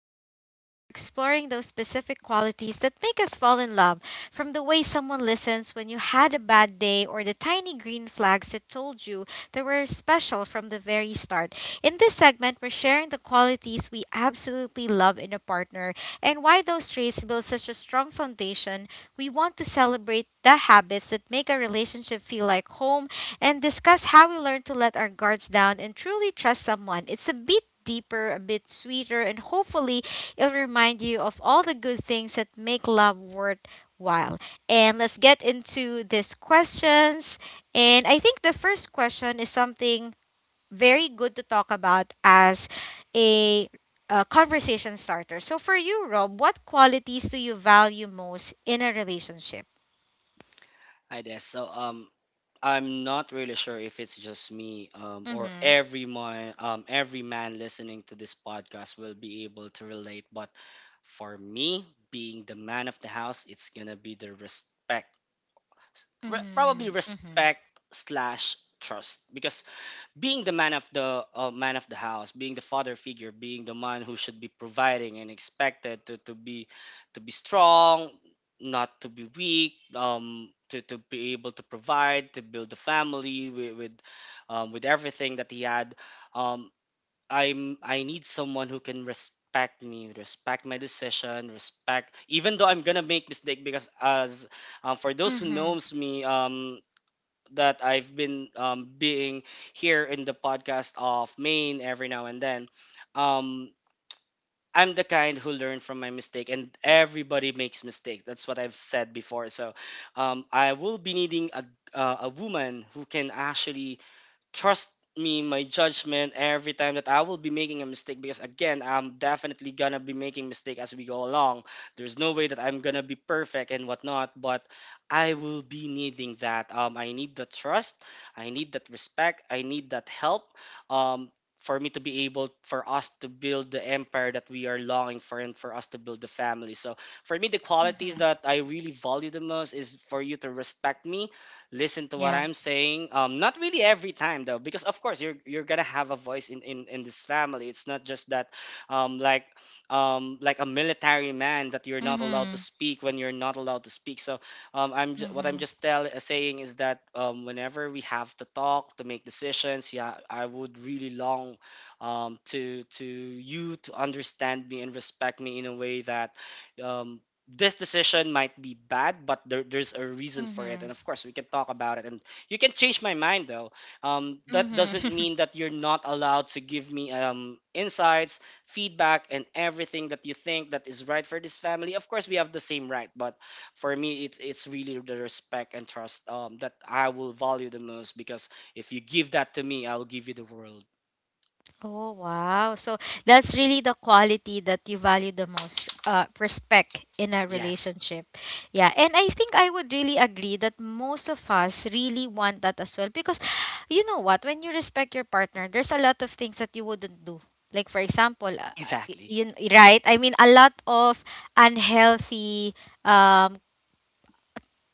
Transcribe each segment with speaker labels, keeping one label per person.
Speaker 1: you feel safe. We're exploring those specific qualities that make us fall in love from the way someone listens when you had a bad day or the tiny green flags that told you they were special from the very start. In this segment, we're sharing the qualities we absolutely love in a partner and why those traits build such a strong foundation. We want to celebrate the habits that make a relationship feel like home and discuss how we learn to let our guards down and truly trust someone. It's a bit deeper, a bit sweeter, and hopefully it'll remind you of all the good things that make love worth while. And let's get into these questions. And I think the first question is something very good to talk about as a, a conversation starter. So, for you, Rob, what qualities do you value most in a relationship?
Speaker 2: I guess so. I'm not really sure if it's just me, or
Speaker 1: Mm-hmm.
Speaker 2: everyone, every man listening to this podcast will be able to relate. But for me, being the man of the house, it's gonna be the probably
Speaker 1: Mm-hmm. Mm-hmm.
Speaker 2: respect/trust, because being the man of the house, being the father figure, being the man who should be providing and expected to be strong, not to be weak, to, be able to provide, to build a family with everything that he had. Um i'm i need someone who can respect me, respect my decision, respect even though I'm gonna make mistake, because, as for those who
Speaker 1: Mm-hmm.
Speaker 2: knows me, that I've been, being here in the podcast of Maine every now and then. Um, I'm the kind who learn from my mistake, and everybody makes mistake. That's what I've said before. So, I will be needing a, a woman who can actually trust me, my judgment, every time that I will be making a mistake, because again, I'm definitely gonna be making mistake as we go along. There's no way that I'm gonna be perfect and whatnot, but I will be needing that. I need the trust, I need that respect, I need that help. Um, for me to be able, for us to build the empire that we are longing for, and for us to build the family. So for me, the qualities
Speaker 1: Mm-hmm.
Speaker 2: that I really value the most is for you to respect me, listen to what
Speaker 1: Yeah.
Speaker 2: I'm saying. Not really every time though, because of course you're gonna have a voice in this family. It's not just that, like, like a military man, that you're not allowed to
Speaker 1: Mm-hmm.
Speaker 2: speak when you're not allowed to speak. So what I'm
Speaker 1: Mm-hmm.
Speaker 2: just saying is that, whenever we have to talk to make decisions, yeah, I would really long, to, you, to understand me and respect me in a way that, um this decision might be bad, but there's a reason for it, and
Speaker 1: Mm-hmm.
Speaker 2: of course we can talk about it. And you can change my mind though. That doesn't
Speaker 1: Mm-hmm.
Speaker 2: mean that you're not allowed to give me, insights, feedback, and everything that you think that is right for this family. Of course we have the same right, but for me, it's really the respect and trust, that I will value the most, because if you give that to me, I'll give you the world.
Speaker 1: Oh, wow. So that's really the quality that you value the most, respect in a
Speaker 2: Yes,
Speaker 1: relationship. Yeah. And I think I would really agree that most of us really want that as well because you know what? When you respect your partner, there's a lot of things that you wouldn't do. Like, for example, y-
Speaker 2: exactly.
Speaker 1: yun, right? I mean, a lot of unhealthy um,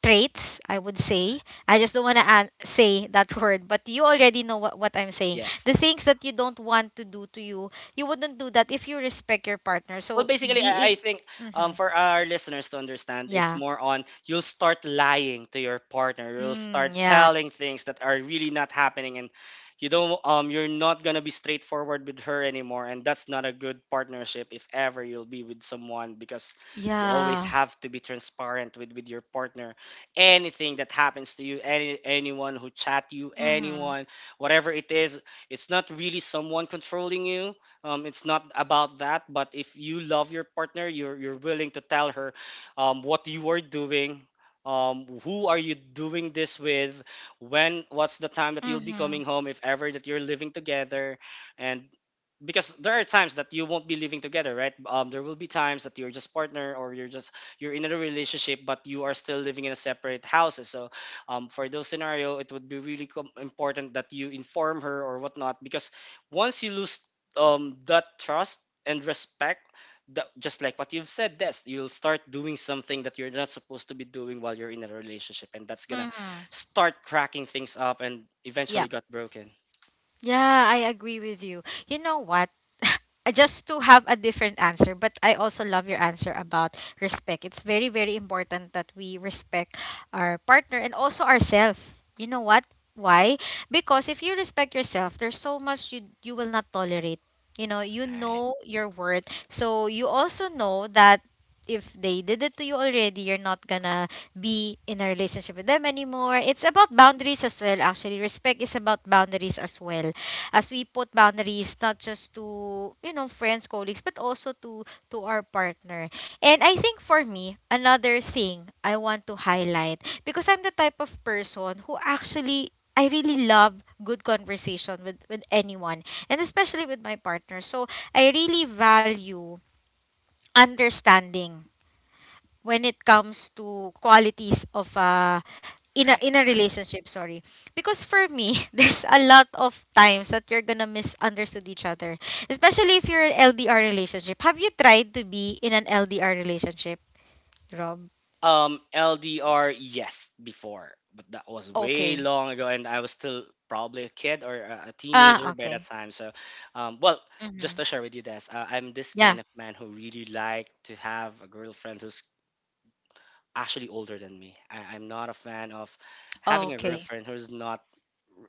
Speaker 1: traits, I would say.
Speaker 2: Right.
Speaker 1: I just don't want to an- say that word, but you already know what I'm saying.
Speaker 2: Yes.
Speaker 1: The things that you don't want to do to you, you wouldn't do that if you respect your partner.
Speaker 2: Well,
Speaker 1: So
Speaker 2: basically, I
Speaker 1: being,
Speaker 2: think,
Speaker 1: mm-hmm.
Speaker 2: for our listeners to understand, it's
Speaker 1: Yeah,
Speaker 2: more on, you'll start lying to your partner. You'll start
Speaker 1: mm, yeah,
Speaker 2: telling things that are really not happening, and you don't. You're not gonna be straightforward with her anymore, and that's not a good partnership if ever you'll be with someone, because you always
Speaker 1: yeah,
Speaker 2: have to be transparent with your partner. Anything that happens to you, anyone who chat you,
Speaker 1: mm-hmm.
Speaker 2: anyone, whatever it is, it's not really someone controlling you. It's not about that, but if you love your partner, you're willing to tell her, what you are doing, who are you doing this with, when what's the time that you'll be
Speaker 1: Mm-hmm.
Speaker 2: coming home if ever that you're living together. And because there are times that you won't be living together, right? There will be times that you're just partner, or you're in a relationship but you are still living in a separate houses. So, for those scenario, it would be really, important that you inform her or whatnot, because once you lose, that trust and respect, that, just like what you've said, Des, you'll start doing something that you're not supposed to be doing while you're in a relationship, and that's gonna
Speaker 1: Mm-hmm.
Speaker 2: start cracking things up and
Speaker 1: Yeah.
Speaker 2: eventually got broken.
Speaker 1: Yeah, I agree with you. You know what? Just to have a different answer, but I also love your answer about respect. It's very, very important that we respect our partner and also ourselves. You know what? Why? Because if you respect yourself, there's so much you will not tolerate. You
Speaker 2: Right,
Speaker 1: know your worth. So you also know that if they did it to you already, you're not gonna be in a relationship with them anymore. It's about boundaries as well, actually. Respect is about boundaries as well as we put boundaries not just to friends, colleagues, but also to our partner. And I think for me another thing I want to highlight, because I'm the type of person who actually I really love good conversation with anyone and especially with my partner. So I really value understanding when it comes to qualities of a in a
Speaker 2: right,
Speaker 1: in a
Speaker 2: right.
Speaker 1: relationship, sorry, because for me there's a lot of times that you're gonna misunderstand each other, especially if you're an LDR relationship. Have you tried to be in an LDR relationship, Rob?
Speaker 2: LDR, yes, before, but that was way
Speaker 1: Okay.
Speaker 2: long ago, and I was still probably a kid or a,
Speaker 1: Ah,
Speaker 2: teenager by that
Speaker 1: okay.
Speaker 2: time. So well,
Speaker 1: Mm-hmm.
Speaker 2: just to share with you this, I'm this
Speaker 1: Yeah,
Speaker 2: kind of man who really like to have a girlfriend who's actually older than me. I'm not a fan of having a
Speaker 1: okay.
Speaker 2: girlfriend who's not,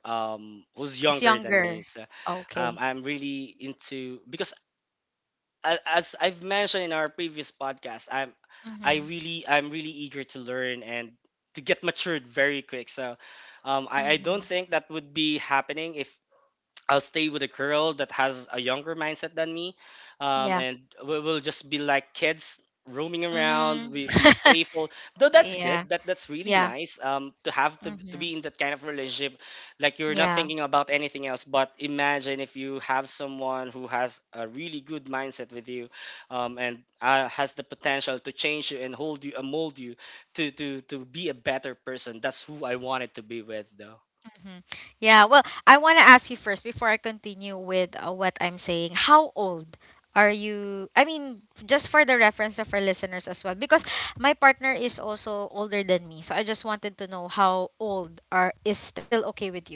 Speaker 2: who's
Speaker 1: Who's
Speaker 2: younger than me.
Speaker 1: younger.
Speaker 2: So
Speaker 1: Okay.
Speaker 2: I'm really into, because, as I've mentioned in our previous podcast,
Speaker 1: Mm-hmm.
Speaker 2: I'm really eager to learn and to get matured very quick. So I don't
Speaker 1: Mm-hmm.
Speaker 2: think that would be happening if I'll stay with a girl that has a younger mindset than me,
Speaker 1: Yeah.
Speaker 2: and, we'll just be like kids roaming around.
Speaker 1: Mm.
Speaker 2: We be playful, though. That's good.
Speaker 1: Yeah.
Speaker 2: That's really
Speaker 1: Yeah.
Speaker 2: nice. To have to
Speaker 1: Mm-hmm.
Speaker 2: be in that kind of relationship, like you're not
Speaker 1: Yeah.
Speaker 2: thinking about anything else. But imagine if you have someone who has a really good mindset with you, and, has the potential to change you and hold you and mold you to to to be a better person. That's who I wanted to be with, though.
Speaker 1: Mhm. Yeah, well, I want to ask you first before I continue with what I'm saying. How old are you? I mean, just for the reference of our listeners as well, because my partner is also older than me. So I just wanted to know how old are is still okay with you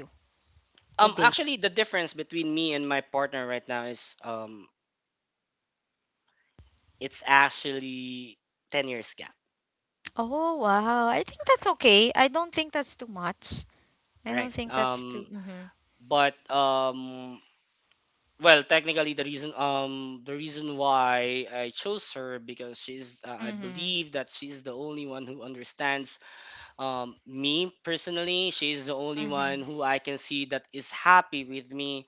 Speaker 1: to date.
Speaker 2: Actually, the difference between me and my partner right now is, it's actually 10 years gap,
Speaker 1: Oh, wow. I think that's okay. I don't think that's too much. I don't
Speaker 2: right?
Speaker 1: think that's too. Mhm.
Speaker 2: But, well, technically, the reason why I chose her, because she's, I
Speaker 1: Mhm.
Speaker 2: believe that she's the only one who understands. Me personally, she's the only one
Speaker 1: Mhm.
Speaker 2: who I can see that is happy with me.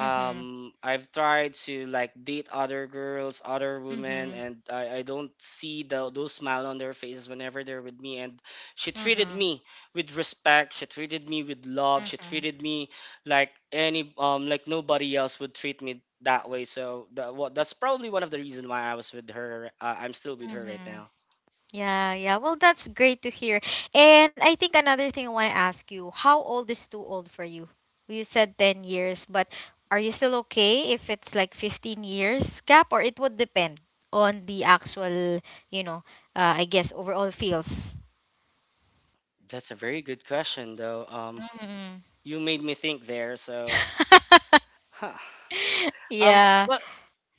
Speaker 1: Mhm.
Speaker 2: I've tried to like date other girls, other women,
Speaker 1: Mhm.
Speaker 2: and I don't see those smile on their faces whenever they're with me. And she treated
Speaker 1: Mhm.
Speaker 2: me with respect. She treated me with love. She
Speaker 1: Mhm.
Speaker 2: treated me like, any like nobody else would treat me that way. So that's probably one of the reason why I was with her. I'm still with her right
Speaker 1: Mhm.
Speaker 2: now.
Speaker 1: Yeah, yeah. Well, that's great to hear. And I think another thing I want to ask you, how old is too old for you? You said 10 years, but are you still okay if it's like 15 years gap, or it would depend on the actual, you know, I guess overall feels.
Speaker 2: That's a very good question, though.
Speaker 1: Mm.
Speaker 2: You made me think there, so, huh.
Speaker 1: Yeah.
Speaker 2: But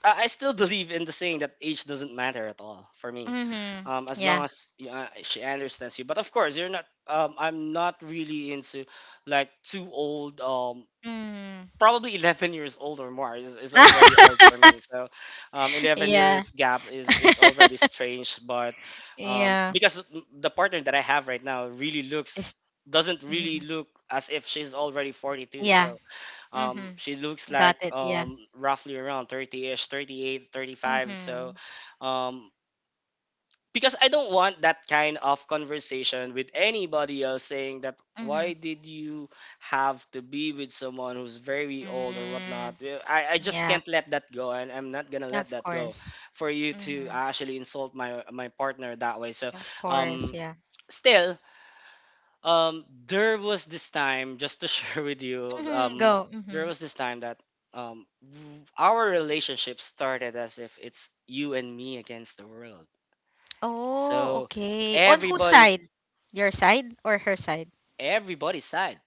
Speaker 2: I still believe in the saying that age doesn't matter at all for me,
Speaker 1: Mhm.
Speaker 2: as
Speaker 1: Yeah.
Speaker 2: long as, she understands you. But of course, you're not. I'm not really into like too old.
Speaker 1: Mm.
Speaker 2: Probably 11 years old or more is already old for me. So, 11
Speaker 1: Yeah.
Speaker 2: years gap is already strange. But
Speaker 1: Yeah.
Speaker 2: because the partner that I have right now really
Speaker 1: It's,
Speaker 2: looks doesn't
Speaker 1: mhm.
Speaker 2: really look as if she's already 42.
Speaker 1: Yeah.
Speaker 2: So
Speaker 1: Mhm.
Speaker 2: she looks
Speaker 1: Got
Speaker 2: like,
Speaker 1: it. Yeah.
Speaker 2: roughly around 30-ish, 35. So,
Speaker 1: Mm-hmm.
Speaker 2: um, because I don't want that kind of conversation with anybody else, saying that,
Speaker 1: Mm-hmm.
Speaker 2: why did you have to be with someone who's very old or whatnot.
Speaker 1: Mm,
Speaker 2: Well, I just
Speaker 1: yeah,
Speaker 2: can't let that go, and I'm not gonna let
Speaker 1: of
Speaker 2: that go
Speaker 1: course.
Speaker 2: for you to
Speaker 1: Mm-hmm.
Speaker 2: actually insult my partner that way. So,
Speaker 1: Of course,
Speaker 2: um,
Speaker 1: yeah.
Speaker 2: still, there was this time, just to share with you,
Speaker 1: Mm-hmm. Go. Mm-hmm.
Speaker 2: there was this time that, our relationship started as if it's you and me against the world.
Speaker 1: Oh,
Speaker 2: So
Speaker 1: okay. On whose
Speaker 2: everybody,
Speaker 1: side? Your side or her side?
Speaker 2: everybody side.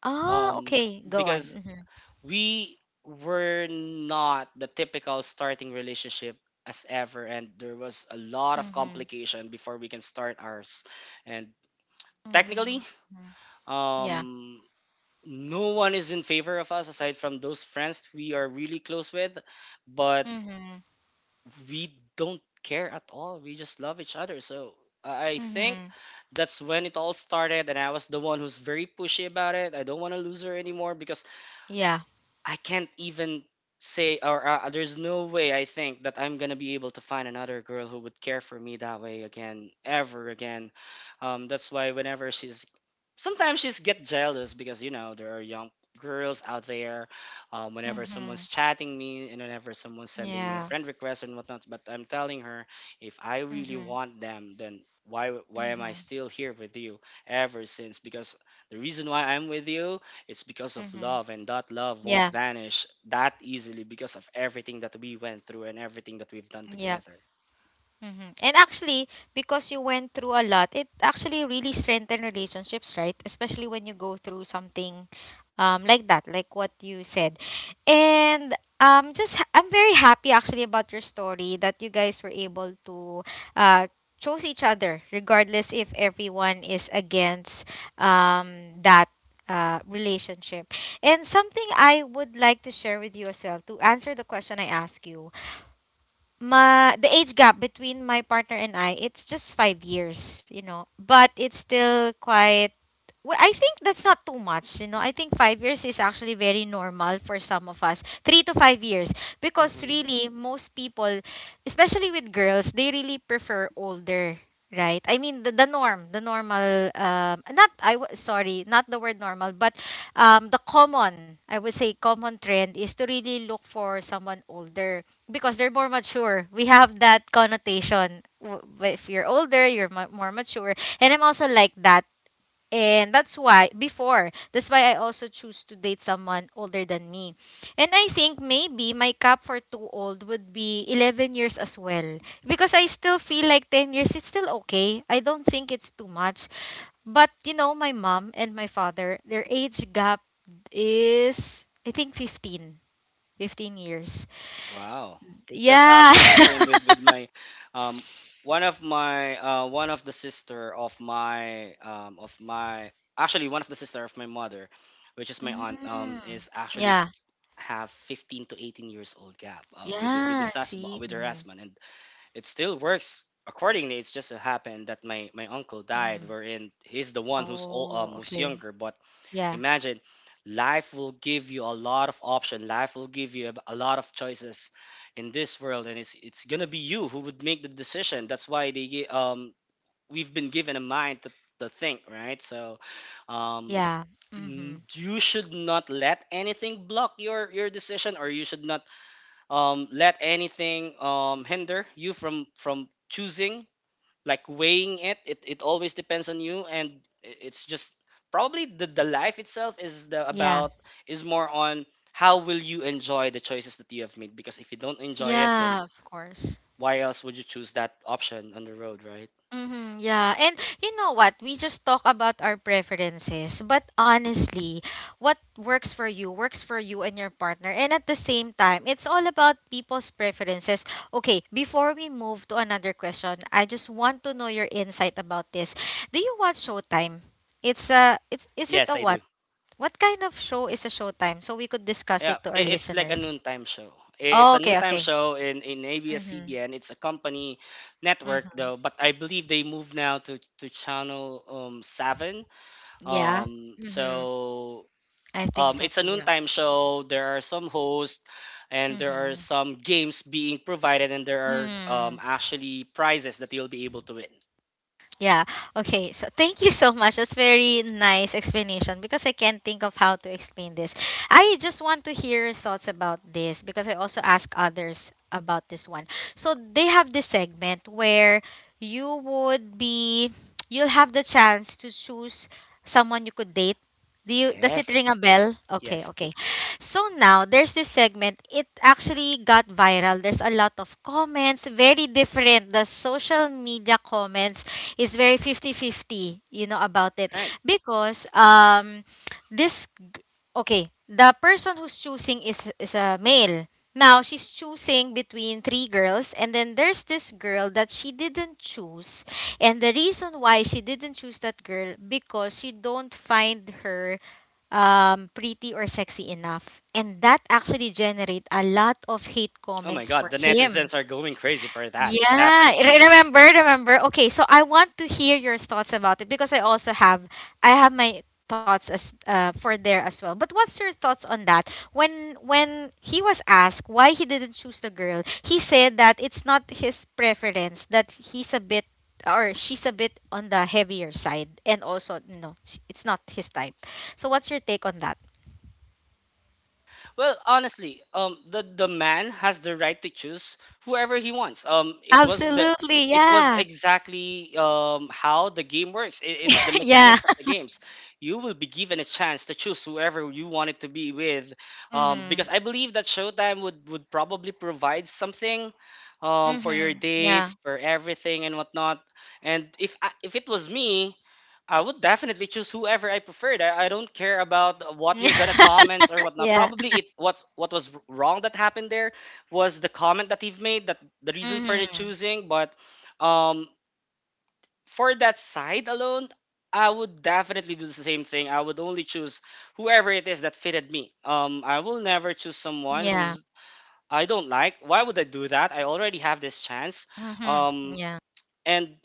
Speaker 1: Ah,
Speaker 2: Um,
Speaker 1: okay. Go on.
Speaker 2: because
Speaker 1: Mm-hmm.
Speaker 2: we were not the typical starting relationship as ever, and there was a lot of
Speaker 1: Mm-hmm.
Speaker 2: complication before we can start ours. And technically,
Speaker 1: Mm-hmm. Yeah.
Speaker 2: um no one is in favor of us aside from those friends we are really close with, but
Speaker 1: Mm-hmm.
Speaker 2: we don't care at all. We just love each other. So I think
Speaker 1: Mm-hmm.
Speaker 2: that's when it all started, and I was the one who's very pushy about it. I don't want to lose her anymore, because
Speaker 1: Yeah.
Speaker 2: I can't even say, or, there's no way I think that I'm gonna be able to find another girl who would care for me that way again, ever again. That's why, whenever she's sometimes she's get jealous, because you know there are young girls out there. Whenever
Speaker 1: Mm-hmm.
Speaker 2: someone's chatting me and whenever someone's sending me a
Speaker 1: Yeah.
Speaker 2: friend request and whatnot, but I'm telling her, if I really
Speaker 1: Mm-hmm.
Speaker 2: want them, then why am I
Speaker 1: Mm-hmm.
Speaker 2: still here with you ever since? Because the reason why I'm with you, it's because of
Speaker 1: Mm-hmm.
Speaker 2: love, and that love won't
Speaker 1: Yeah.
Speaker 2: vanish that easily because of everything that we went through and everything that we've done
Speaker 1: Yeah.
Speaker 2: together.
Speaker 1: Hmm. And actually, because you went through a lot, it actually really strengthened relationships, right? Especially when you go through something like that, like what you said. And just ha- I'm very happy actually about your story that you guys were able to uh, chose each other, regardless if everyone is against that. Relationship, and something I would like to share with you as well to answer the question I asked you, my the age gap between my partner and I, it's just 5 years, you know. But it's still quite. Well, I think that's not too much, you know. I think 5 years is actually very normal for some of us. 3 to 5 years, because
Speaker 2: Hmm.
Speaker 1: really most people, especially with girls, they really prefer older, right? I mean the norm, the normal. Not I w- sorry, not the word normal, but the common, I would say, common trend is to really look for someone older because they're more mature. We have that connotation. W- If you're older, you're mu- more mature. And I'm also like that. And that's why, before, that's why I also choose to date someone older than me. And I think maybe my cap for too old would be 11 years as well. Because I still feel like 10 years, it's still okay. I don't think it's too much. But, you know, my mom and my father, their age gap is, I think, 15. 15 years.
Speaker 2: Wow, that's
Speaker 1: Yeah.
Speaker 2: actually the same with my, um, one of the sister of my actually one of the sister of my mother, which is my aunt,
Speaker 1: Mm. Yeah.
Speaker 2: have 15 to 18 years old gap, with the- with
Speaker 1: Yeah.
Speaker 2: this husband
Speaker 1: See.
Speaker 2: with her
Speaker 1: Mm-hmm.
Speaker 2: husband. And it still works accordingly. It's just so happened that my uncle died,
Speaker 1: Mm-hmm.
Speaker 2: wherein he's the one who's old,
Speaker 1: Oh,
Speaker 2: who's
Speaker 1: okay.
Speaker 2: younger. But
Speaker 1: Yeah.
Speaker 2: imagine, life will give you a lot of option. Life will give you a lot of choices in this world, and it's gonna be you who would make the decision. That's why we've been given a mind to think, right? Um.
Speaker 1: Yeah. Mm-hmm.
Speaker 2: You should not let anything block your decision, or you should not let anything hinder you from choosing, like weighing it. It always depends on you. And it's just probably the life itself is the
Speaker 1: Yeah.
Speaker 2: about is more on how will you enjoy the choices that you have made, because if you don't enjoy it, then
Speaker 1: Yeah, of course.
Speaker 2: why else would you choose that option on the road, right?
Speaker 1: Mm-hmm, yeah. And you know what? We just talk about our preferences, but honestly, what works for you and your partner. And at the same time, it's all about people's preferences. Okay, before we move to another question, I just want to know your insight about this. Do you watch Showtime? It's a it's is it
Speaker 2: Yes,
Speaker 1: a
Speaker 2: I
Speaker 1: what?
Speaker 2: do.
Speaker 1: What kind of show is a Showtime? So we could discuss
Speaker 2: Yeah,
Speaker 1: it to our
Speaker 2: it's like a
Speaker 1: listeners.
Speaker 2: noontime show. It's
Speaker 1: Oh,
Speaker 2: a
Speaker 1: okay,
Speaker 2: noontime
Speaker 1: okay.
Speaker 2: show in
Speaker 1: Mm-hmm.
Speaker 2: ABS-CBN. It's a company network
Speaker 1: Mm-hmm.
Speaker 2: though, but I believe they moved now to channel seven.
Speaker 1: Yeah.
Speaker 2: Um,
Speaker 1: Mm-hmm.
Speaker 2: so
Speaker 1: I think so
Speaker 2: it's a
Speaker 1: too, yeah.
Speaker 2: noontime show. There are some hosts, and there are
Speaker 1: Mm-hmm.
Speaker 2: some games being provided, and there are
Speaker 1: 嗯，
Speaker 2: actually prizes that you'll be able to win.
Speaker 1: Yeah. Okay. So thank you so much. That's very nice explanation because I can't think of how to explain this. I just want to hear your thoughts about this because I also ask others about this one. So they have this segment where you would be you'll have the chance to choose someone you could date. Do you does it
Speaker 2: Yes,
Speaker 1: ring a
Speaker 2: yes,
Speaker 1: bell? Okay,
Speaker 2: yes.
Speaker 1: okay. So now there's this segment. It actually got viral. There's a lot of comments, very different. The social media comments is very 50-50, you know about it,
Speaker 2: Right.
Speaker 1: because this okay the person who's choosing is a male, now she's choosing between three girls, and then there's this girl that she didn't choose, and the reason why she didn't choose that girl because she don't find her pretty or sexy enough, and that actually generate a lot of hate
Speaker 2: Oh my
Speaker 1: comments for
Speaker 2: God, the
Speaker 1: him.
Speaker 2: netizens are going crazy for that.
Speaker 1: Yeah,
Speaker 2: Definitely.
Speaker 1: re- remember, remember. Okay, so I want to hear your thoughts about it because I also have I have my thoughts as for there as well. But what's your thoughts on that? When he was asked why he didn't choose the girl, he said that it's not his preference, that he's a bit or she's a bit on the heavier side, and also no, sh- it's not his type. So what's your take on that?
Speaker 2: Well, honestly, the man has the right to choose whoever he wants.
Speaker 1: Absolutely,
Speaker 2: It was
Speaker 1: yeah.
Speaker 2: exactly how the game works. It's the
Speaker 1: Yeah.
Speaker 2: mechanics of the games. You will be given a chance to choose whoever you wanted to be with, because
Speaker 1: Mhm.
Speaker 2: I believe that Showtime would probably provide something, for your
Speaker 1: Mhm. Yeah.
Speaker 2: dates, for everything and whatnot. And if it was me, I would definitely choose whoever I preferred. I don't care about what you're gonna comment or whatnot.
Speaker 1: Yeah.
Speaker 2: Probably it what's what was wrong that happened there was the comment that he made, that the reason for the
Speaker 1: Mhm.
Speaker 2: choosing. But um, for that side alone, I would definitely do the same thing. I would only choose whoever it is that fitted me. I will never choose someone
Speaker 1: Yeah.
Speaker 2: who's I don't like. Why would I do that? I already have this chance.
Speaker 1: Mhm.
Speaker 2: Um,
Speaker 1: Yeah.
Speaker 2: and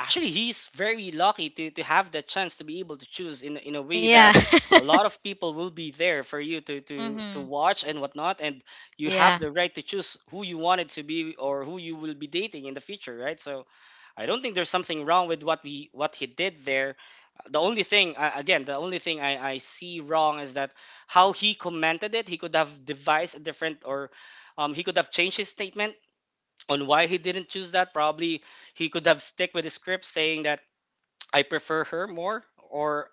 Speaker 2: actually he's very lucky to have the chance to be able to choose, in a way
Speaker 1: Yeah.
Speaker 2: that a lot of people will be there for you to
Speaker 1: Mhm.
Speaker 2: watch and whatnot. And you have
Speaker 1: Yeah.
Speaker 2: the right to choose who you wanted to be or who you will be dating in the future, right? So I don't think there's something wrong with what he did there. The only thing, again, the only thing I see wrong is that how he commented it. He could have devised a different, or he could have changed his statement on why he didn't choose that. Probably he could have stick with the script, saying that I prefer her more, or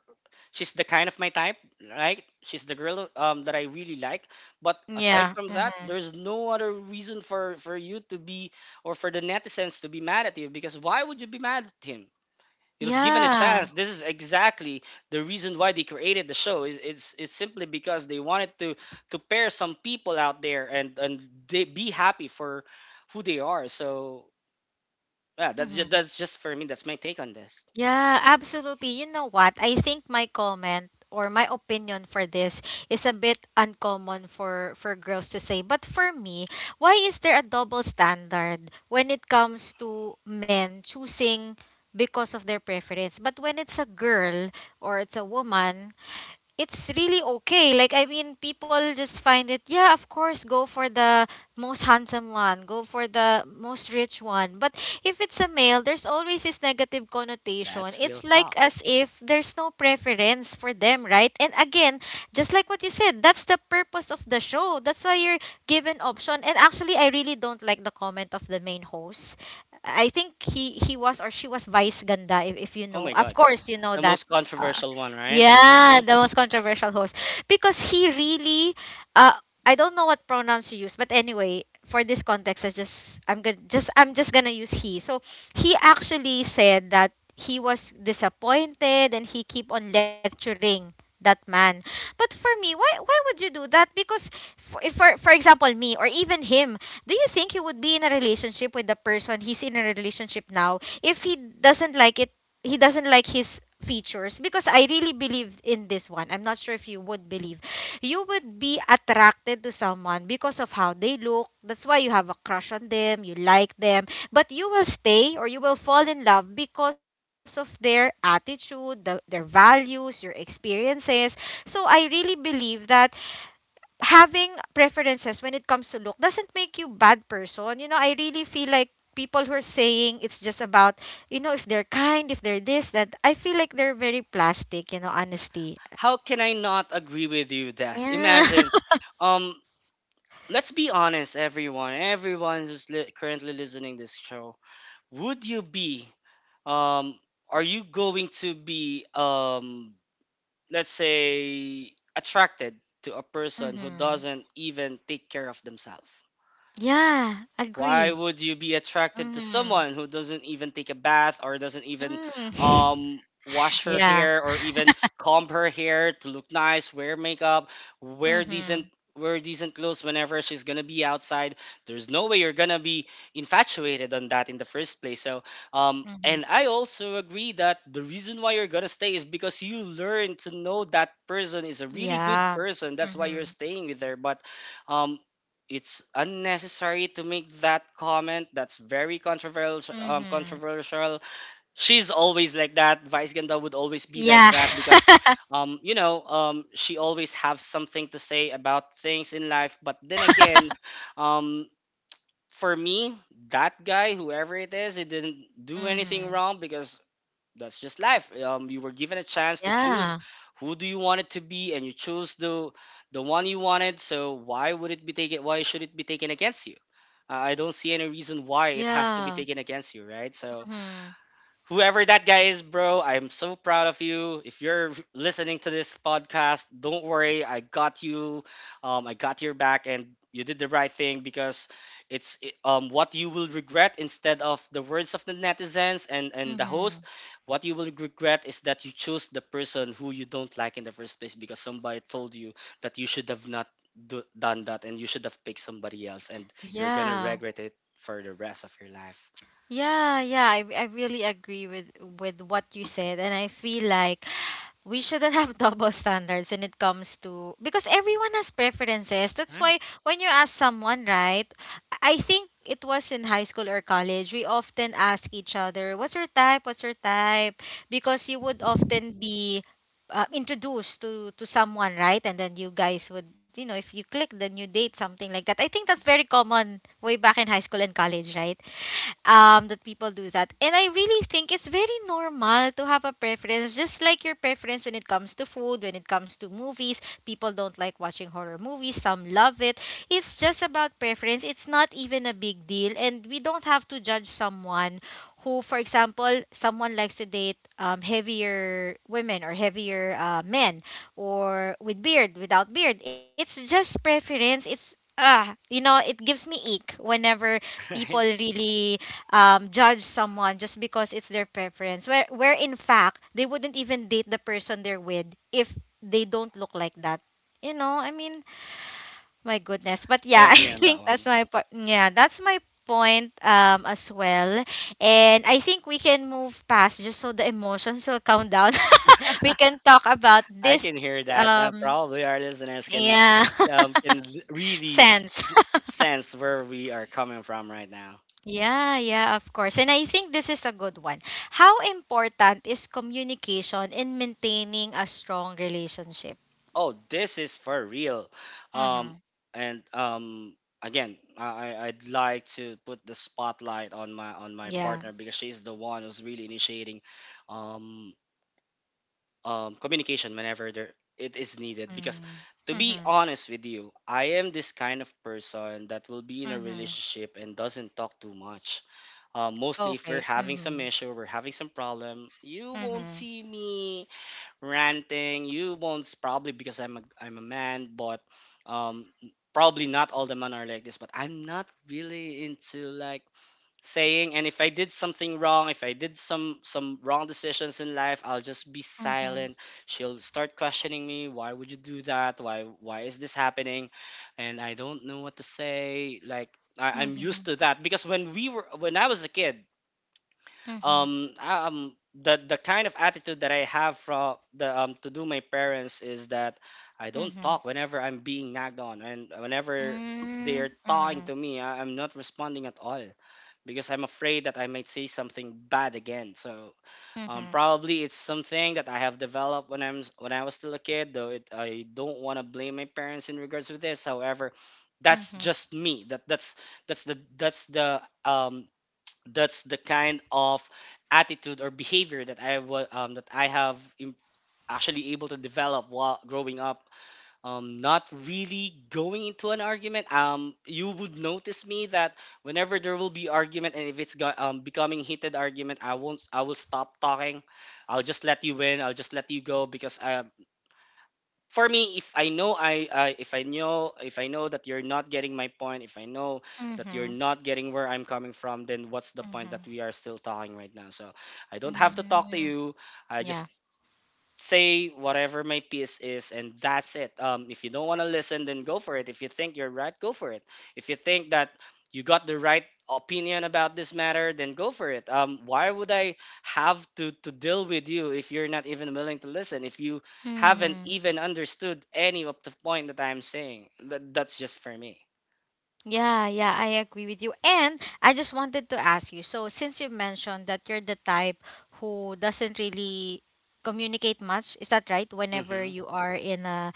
Speaker 2: she's the kind of my type, right? She's the girl that I really like. But aside
Speaker 1: Yeah.
Speaker 2: from that,
Speaker 1: Mhm.
Speaker 2: there's no other reason for you to be, or for the netizens to be mad at you, because why would you be mad at him? He was given a
Speaker 1: Yeah.
Speaker 2: chance. This is exactly the reason why they created the show. Is it's simply because they wanted to pair some people out there, and they be happy for who they are. So yeah,
Speaker 1: Mhm.
Speaker 2: that's just for me. That's my take on this.
Speaker 1: Yeah, absolutely. You know what? I think my comment or my opinion for this is a bit uncommon for girls to say. But for me, why is there a double standard when it comes to men choosing because of their preference? But when it's a girl or it's a woman, it's really okay. Like I mean, people just find it. Yeah, of course, go for the most handsome one, go for the most rich one. But if it's a male, there's always this negative connotation.
Speaker 2: That's real
Speaker 1: It's like
Speaker 2: talk.
Speaker 1: as if there's no preference for them, right? And again, just like what you said, that's the purpose of the show. That's why you're given option. And actually, I really don't like the comment of the main host. I think he was or she was Vice Ganda. If you
Speaker 2: Oh
Speaker 1: know,
Speaker 2: my
Speaker 1: of
Speaker 2: God.
Speaker 1: course, you know
Speaker 2: The
Speaker 1: that.
Speaker 2: most
Speaker 1: uh,
Speaker 2: controversial one, right? Isn't
Speaker 1: yeah,
Speaker 2: it?
Speaker 1: the most controversial host because he really uh I don't know what pronouns you use, but anyway, for this context, I'm just gonna use he. So he actually said that he was disappointed and he keep on lecturing that man. But for me, why would you do that? Because for if for, for example me or even him, do you think he would be in a relationship with the person he's in a relationship now if he doesn't like it? He doesn't like his features because I really believe in this one. I'm not sure if you would believe. You would be attracted to someone because of how they look. That's why you have a crush on them, you like them, but you will stay or you will fall in love because of their attitude, their values, your experiences. So I really believe that having preferences when it comes to look doesn't make you bad person. I really feel like people who are saying it's just about, if they're kind, if they're this, that I feel like they're very plastic, honestly.
Speaker 2: How can I not agree with you, Des?
Speaker 1: Yeah.
Speaker 2: Imagine, um, let's be honest, everyone, everyone who's currently listening this show, would you be, um, are you going to be, let's say, attracted to a person who
Speaker 1: Mm-hmm.
Speaker 2: doesn't even take care of themselves?
Speaker 1: Yeah,
Speaker 2: Why
Speaker 1: agree.
Speaker 2: would you be attracted to
Speaker 1: Mm-hmm.
Speaker 2: someone who doesn't even take a bath, or doesn't even
Speaker 1: Mm.
Speaker 2: wash her
Speaker 1: Yeah.
Speaker 2: hair, or even comb her hair to look nice, wear makeup, wear decent
Speaker 1: Mm-hmm.
Speaker 2: wear decent clothes whenever she's gonna be outside? There's no way you're gonna be infatuated on that in the first place. So
Speaker 1: Mm-hmm.
Speaker 2: and I also agree that the reason why you're gonna stay is because you learn to know that person is a really good
Speaker 1: Yeah.
Speaker 2: person. That's why you're
Speaker 1: Mm-hmm.
Speaker 2: staying with her. But um it's unnecessary to make that comment. That's very controversial.
Speaker 1: Mm-hmm.
Speaker 2: Controversial. She's always like that. Vice Ganda would always be like
Speaker 1: Yeah.
Speaker 2: that, because, you know, she always have something to say about things in life. But then again, um, for me, that guy, whoever it is, he didn't do anything
Speaker 1: Mm-hmm.
Speaker 2: wrong, because that's just life. You were given a chance to choose
Speaker 1: Yeah.
Speaker 2: who do you want it to be, and you choose the one you wanted. So why would it be taken? Why should it be taken against you? I don't see any reason why it has to be
Speaker 1: Yeah.
Speaker 2: taken against you, right? So
Speaker 1: Mm-hmm.
Speaker 2: whoever that guy is, bro, I'm so proud of you. If you're listening to this podcast, don't worry. I got you. I got your back, and you did the right thing, because what you will regret, instead of the words of the netizens and the
Speaker 1: Mm-hmm.
Speaker 2: host. What you will regret is that you chose the person who you don't like in the first place, because somebody told you that you should have not done that, and you should have picked somebody else, and you're going to
Speaker 1: Yeah.
Speaker 2: regret it for the rest of your life.
Speaker 1: Yeah, yeah, I really agree with what you said and I feel like we shouldn't have double standards when it comes to because everyone has preferences. That's
Speaker 2: Right.
Speaker 1: why when you ask someone, right? I think it was in high school or college, we often ask each other, "What's your type? What's your type?" Because you would often be introduced to someone, right? And then you guys would, you know, if you click, then you date something like that. I think that's very common way back in high school and college, right? That people do that. And I really think it's very normal to have a preference, just like your preference when it comes to food, when it comes to movies. People don't like watching horror movies, some love it. It's just about preference. It's not even a big deal. And we don't have to judge someone who, for example, someone likes to date heavier women or heavier men or with beard, without beard. It's just preference. You know, it gives me ick whenever people
Speaker 2: Right?
Speaker 1: really judge someone just because it's their preference, where in fact, they wouldn't even date the person they're with if they don't look like that. You know, I mean, my goodness. But
Speaker 2: I
Speaker 1: yeah, I
Speaker 2: agree on that.
Speaker 1: think that's my po- yeah, that's my point as well. And I think we can move past just so the emotions will calm down. We can talk about
Speaker 2: I
Speaker 1: this
Speaker 2: can hear that. Probably our listeners
Speaker 1: yeah.
Speaker 2: can
Speaker 1: Sense.
Speaker 2: really d- sense where we are coming from right now.
Speaker 1: Yeah, yeah, of course. And I think this is a good one. How important is communication in maintaining a strong relationship?
Speaker 2: Oh, this is for real.
Speaker 1: Mm-hmm.
Speaker 2: Um, and again, I'd like to put the spotlight on my
Speaker 1: Yeah.
Speaker 2: partner, because she's the one who's really initiating um, communication whenever there it is needed. Because
Speaker 1: Mm.
Speaker 2: to be
Speaker 1: Mm-hmm.
Speaker 2: honest with you, I am this kind of person that will be in a
Speaker 1: Mm-hmm.
Speaker 2: relationship and doesn't talk too much. Mostly if we're
Speaker 1: Okay.
Speaker 2: having some
Speaker 1: Mm-hmm.
Speaker 2: issue, we're having some problem, you won't
Speaker 1: Mm-hmm.
Speaker 2: see me ranting. You won't probably because I'm a man, but um probably not all the men are like this, but I'm not really into like saying. And if I did something wrong, if I did some wrong decisions in life, I'll just be
Speaker 1: Mm-hmm.
Speaker 2: silent. She'll start questioning me, why would you do that? Why is this happening? And I don't know what to say. Like I'm
Speaker 1: Mm-hmm.
Speaker 2: used to that, because when we were when I was a kid, the kind of attitude that I have from the to do my parents is that I don't
Speaker 1: Mm-hmm.
Speaker 2: talk whenever I'm being nagged on, and whenever
Speaker 1: Mm-hmm.
Speaker 2: they're talking
Speaker 1: Mm-hmm.
Speaker 2: to me, I'm not responding at all, because I'm afraid that I might say something bad again. So
Speaker 1: Mm-hmm.
Speaker 2: probably it's something that I have developed when I'm when I was still a kid, though it I don't want to blame my parents in regards with this. However, that's
Speaker 1: Mm-hmm.
Speaker 2: just me. That's the kind of attitude or behavior that I was that I have actually able to develop while growing up. Not really going into an argument. You would notice me that whenever there will be argument, and if becoming heated argument, I won't. I will stop talking. I'll just let you win. I'll just let you go. Because I for me, if I know, I if I know, if I know that you're not getting my point, if I know that you're
Speaker 1: Mm-hmm.
Speaker 2: not getting where I'm coming from, then what's the point that
Speaker 1: Mm-hmm.
Speaker 2: we are still talking right now? So I don't have to talk to
Speaker 1: Mm-hmm.
Speaker 2: you. I
Speaker 1: Yeah.
Speaker 2: just say whatever my piece is, and that's it. If you don't want to listen, then go for it. If you think you're right, go for it. If you think that you got the right opinion about this matter, then go for it. Why would I have to deal with you if you're not even willing to listen, if you haven't
Speaker 1: Mm-hmm.
Speaker 2: even understood any of the point that I'm saying? That's just for me.
Speaker 1: Yeah, yeah, I agree with you. And I just wanted to ask you. So, since you mentioned that you're the type who doesn't really communicate much, is that right? Whenever
Speaker 2: hmm
Speaker 1: you are in a,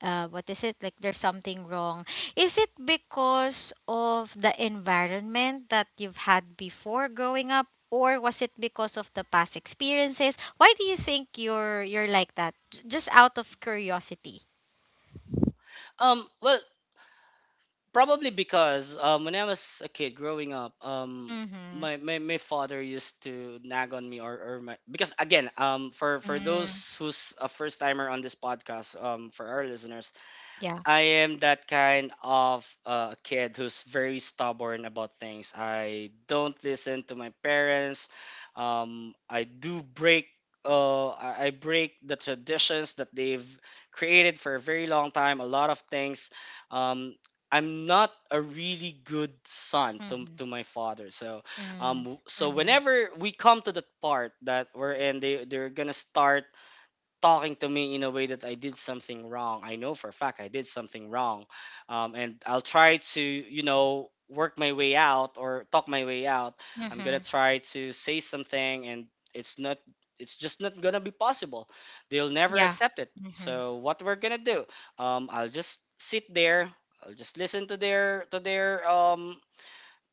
Speaker 1: what is it? Like there's something wrong. Is it because of the environment that you've had before growing up, or was it because of the past experiences? Why do you think you're like that? Just out of curiosity.
Speaker 2: um well Probably because when I was a kid growing up,
Speaker 1: Mm-hmm.
Speaker 2: my father used to nag on me, or my, because again, for
Speaker 1: Mm,
Speaker 2: those who's a first timer on this podcast, for our listeners,
Speaker 1: yeah.
Speaker 2: I am that kind of, kid who's very stubborn about things. I don't listen to my parents. I do break. I break the traditions that they've created for a very long time. A lot of things. Um, I'm not a really good son
Speaker 1: Mm-hmm.
Speaker 2: to my father. So
Speaker 1: Mm-hmm.
Speaker 2: whenever we come to the part that we're in, they're gonna start talking to me in a way that I did something wrong. I know for a fact I did something wrong. And I'll try to, work my way out or talk my way out. I'm going to
Speaker 1: Mhm.
Speaker 2: try to say something and it's not it's just not going to be possible. They'll never
Speaker 1: Yeah.
Speaker 2: accept it.
Speaker 1: Mhm.
Speaker 2: So what we're going to do? I'll just sit there. I'll just listen to their to their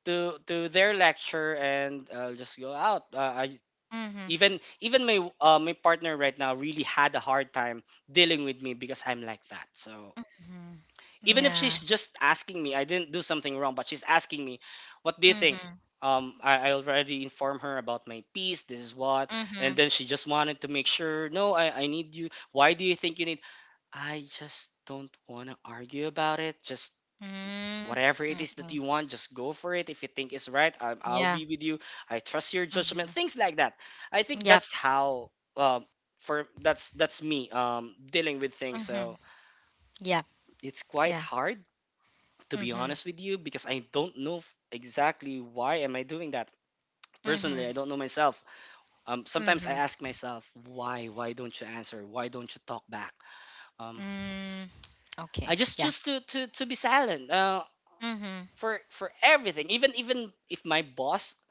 Speaker 2: to their lecture and I'll just go out. I
Speaker 1: Mhm.
Speaker 2: Even my my partner right now really had a hard time dealing with me because I'm like that. So
Speaker 1: Mhm.
Speaker 2: even if
Speaker 1: Yeah.
Speaker 2: she's just asking me, I didn't do something wrong, but she's asking me, "What do you think?"
Speaker 1: Mhm.
Speaker 2: I already informed her about my piece. This is what, and
Speaker 1: Mhm.
Speaker 2: then she just wanted to make sure. No, I need you. Why do you think you need? I just don't want to argue about it. Just
Speaker 1: Mm.
Speaker 2: whatever it is that
Speaker 1: Mhm.
Speaker 2: you want, just go for it. If you think it's right, I'll
Speaker 1: Yeah.
Speaker 2: be with you. I trust your judgment.
Speaker 1: Mhm.
Speaker 2: Things like that. I think
Speaker 1: Yep.
Speaker 2: that's how um, for that's me dealing with things. So
Speaker 1: Mhm. Yep.
Speaker 2: it's quite
Speaker 1: Yeah.
Speaker 2: hard to be
Speaker 1: Mhm.
Speaker 2: honest with you because I don't know exactly why am I doing that. Personally,
Speaker 1: Mhm.
Speaker 2: I don't know myself. Sometimes I
Speaker 1: Mhm.
Speaker 2: ask myself, why? Why don't you answer? Why don't you talk back? Um,
Speaker 1: Mm.
Speaker 2: I
Speaker 1: Okay.
Speaker 2: just
Speaker 1: Yeah.
Speaker 2: choose to be silent.
Speaker 1: Mhm.
Speaker 2: For everything even if my boss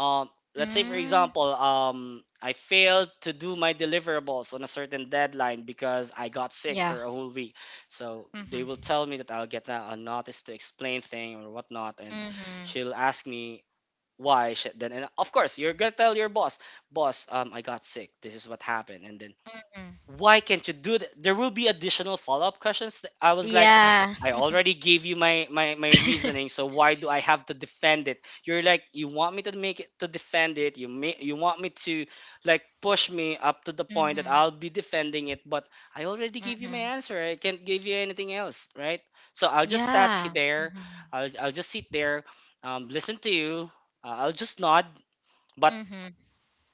Speaker 2: um let's say for
Speaker 1: Mm.
Speaker 2: example I failed to do my deliverables on a certain deadline because I got sick
Speaker 1: Yeah.
Speaker 2: for a whole week. So they
Speaker 1: Mhm.
Speaker 2: will tell me that I'll get a notice to explain thing or whatnot. And
Speaker 1: Mhm.
Speaker 2: she'll ask me why she then, and of course you're gonna tell your boss, I got sick, this is what happened. And then
Speaker 1: Mhm.
Speaker 2: why can't you do that? There will be additional follow up questions. That I was like,
Speaker 1: Yeah.
Speaker 2: I already gave you my, my reasoning, so why do I have to defend it? You're like, you want me to make it to defend it. You may, you want me to like push me up to the point that
Speaker 1: Mhm.
Speaker 2: I'll be defending it, but I already gave you
Speaker 1: Mhm.
Speaker 2: my answer. I can't give you anything else, right? So I'll just
Speaker 1: Yeah.
Speaker 2: there.
Speaker 1: Mhm.
Speaker 2: I'll just sit there, listen to you. I'll just nod, but
Speaker 1: Mhm.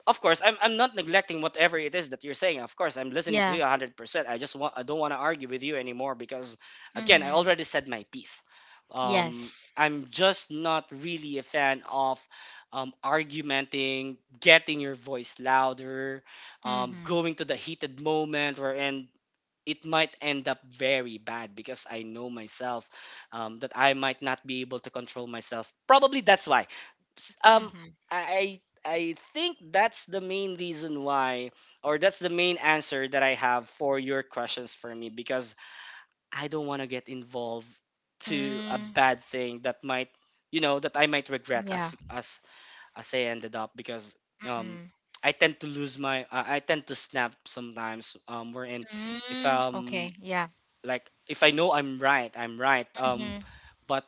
Speaker 2: of course I'm not neglecting whatever it is that you're saying. Of course I'm listening to you
Speaker 1: Yeah.
Speaker 2: 100%. I just want, I don't want to argue with you anymore because again I
Speaker 1: Mhm.
Speaker 2: already said my piece.
Speaker 1: Yes.
Speaker 2: I'm just not really a fan of argumenting, getting your voice louder,
Speaker 1: Mhm.
Speaker 2: going to the heated moment wherein it might end up very bad because I know myself, that I might not be able to control myself. Probably that's why. S- Um,
Speaker 1: Mhm.
Speaker 2: I think that's the main reason why, or that's the main answer that I have for your questions for me because I don't want to get involved to a
Speaker 1: Mm,
Speaker 2: bad thing that might, you know, that I might regret
Speaker 1: yeah.
Speaker 2: as as I ended up because um.
Speaker 1: Mm-hmm.
Speaker 2: I tend to lose my. I tend to snap sometimes. Wherein if
Speaker 1: Mm, okay. Yeah.
Speaker 2: like if I know I'm right, I'm right. Um,
Speaker 1: Mm-hmm.
Speaker 2: but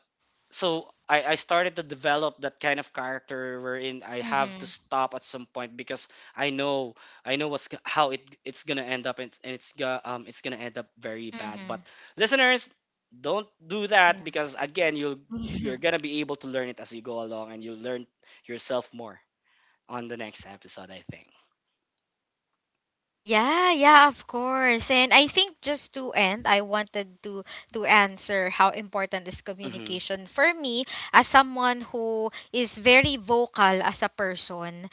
Speaker 2: so I started to develop that kind of character wherein I have
Speaker 1: Mm-hmm.
Speaker 2: to stop at some point because I know, I know how it's gonna end up, and it's gonna end up very bad. But
Speaker 1: Mm-hmm.
Speaker 2: listeners, don't do
Speaker 1: Yeah.
Speaker 2: that, because again you're
Speaker 1: Mhm.
Speaker 2: gonna be able to learn it as you go along and you learn yourself more on the next episode, I think.
Speaker 1: Yeah, yeah, of course. And I think just to end, I wanted to answer how important is
Speaker 2: Mm-hmm.
Speaker 1: communication for me as someone who is very vocal as a person,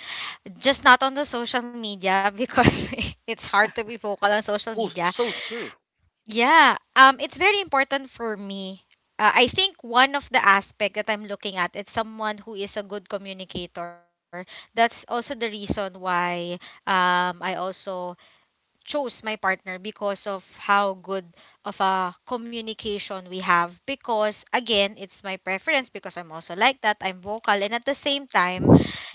Speaker 1: just not on the social media because it's hard to be vocal on social
Speaker 2: Oh,
Speaker 1: media.
Speaker 2: so true.
Speaker 1: Yeah, it's very important for me. I think one of the aspect that I'm looking at is someone who is a good communicator. That's also the reason why I also chose my partner because of how good of a communication we have, because again it's my preference, because I'm also like that, I'm vocal, and at the same time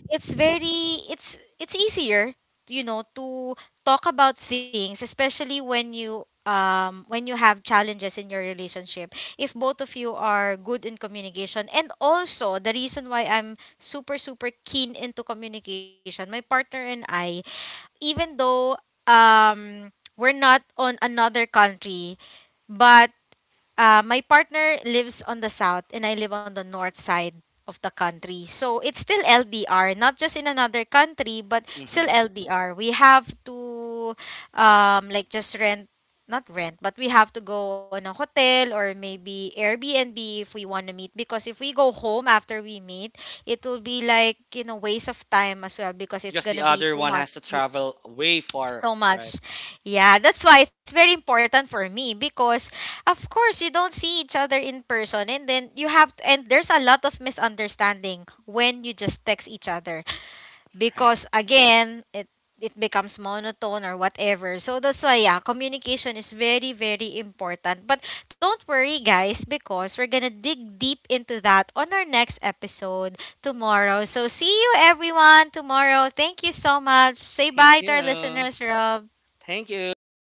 Speaker 1: it's very it's easier, you know, to talk about things, especially when you have challenges in your relationship, if both of you are good in communication. And also the reason why I'm super super keen into communication my partner and I, even though um we're not on another country, but my partner lives on the south and I live on the north side of the country. So it's still LDR, not just in another country, but still
Speaker 2: Mm-hmm.
Speaker 1: LDR. We have to like just rent, not rent, but we have to go on a hotel or maybe Airbnb if we want to meet. Because if we go home after we meet, it will be like, you know, waste of time as well because it's
Speaker 2: Because the
Speaker 1: gonna be
Speaker 2: other
Speaker 1: too
Speaker 2: one
Speaker 1: much
Speaker 2: has to travel way far,
Speaker 1: so
Speaker 2: right?
Speaker 1: much. Yeah, that's why it's very important for me because of course you don't see each other in person, and then you have and there's a lot of misunderstanding when you just text each other,
Speaker 2: Right.
Speaker 1: because again, it becomes monotone or whatever. So that's why, yeah, communication is very very important. But don't worry guys, because we're going to dig deep into that on our next episode tomorrow. So see you everyone tomorrow. Thank you so much. Say
Speaker 2: Thank
Speaker 1: bye to our
Speaker 2: you.
Speaker 1: listeners, Rob.
Speaker 2: Thank you, listeners.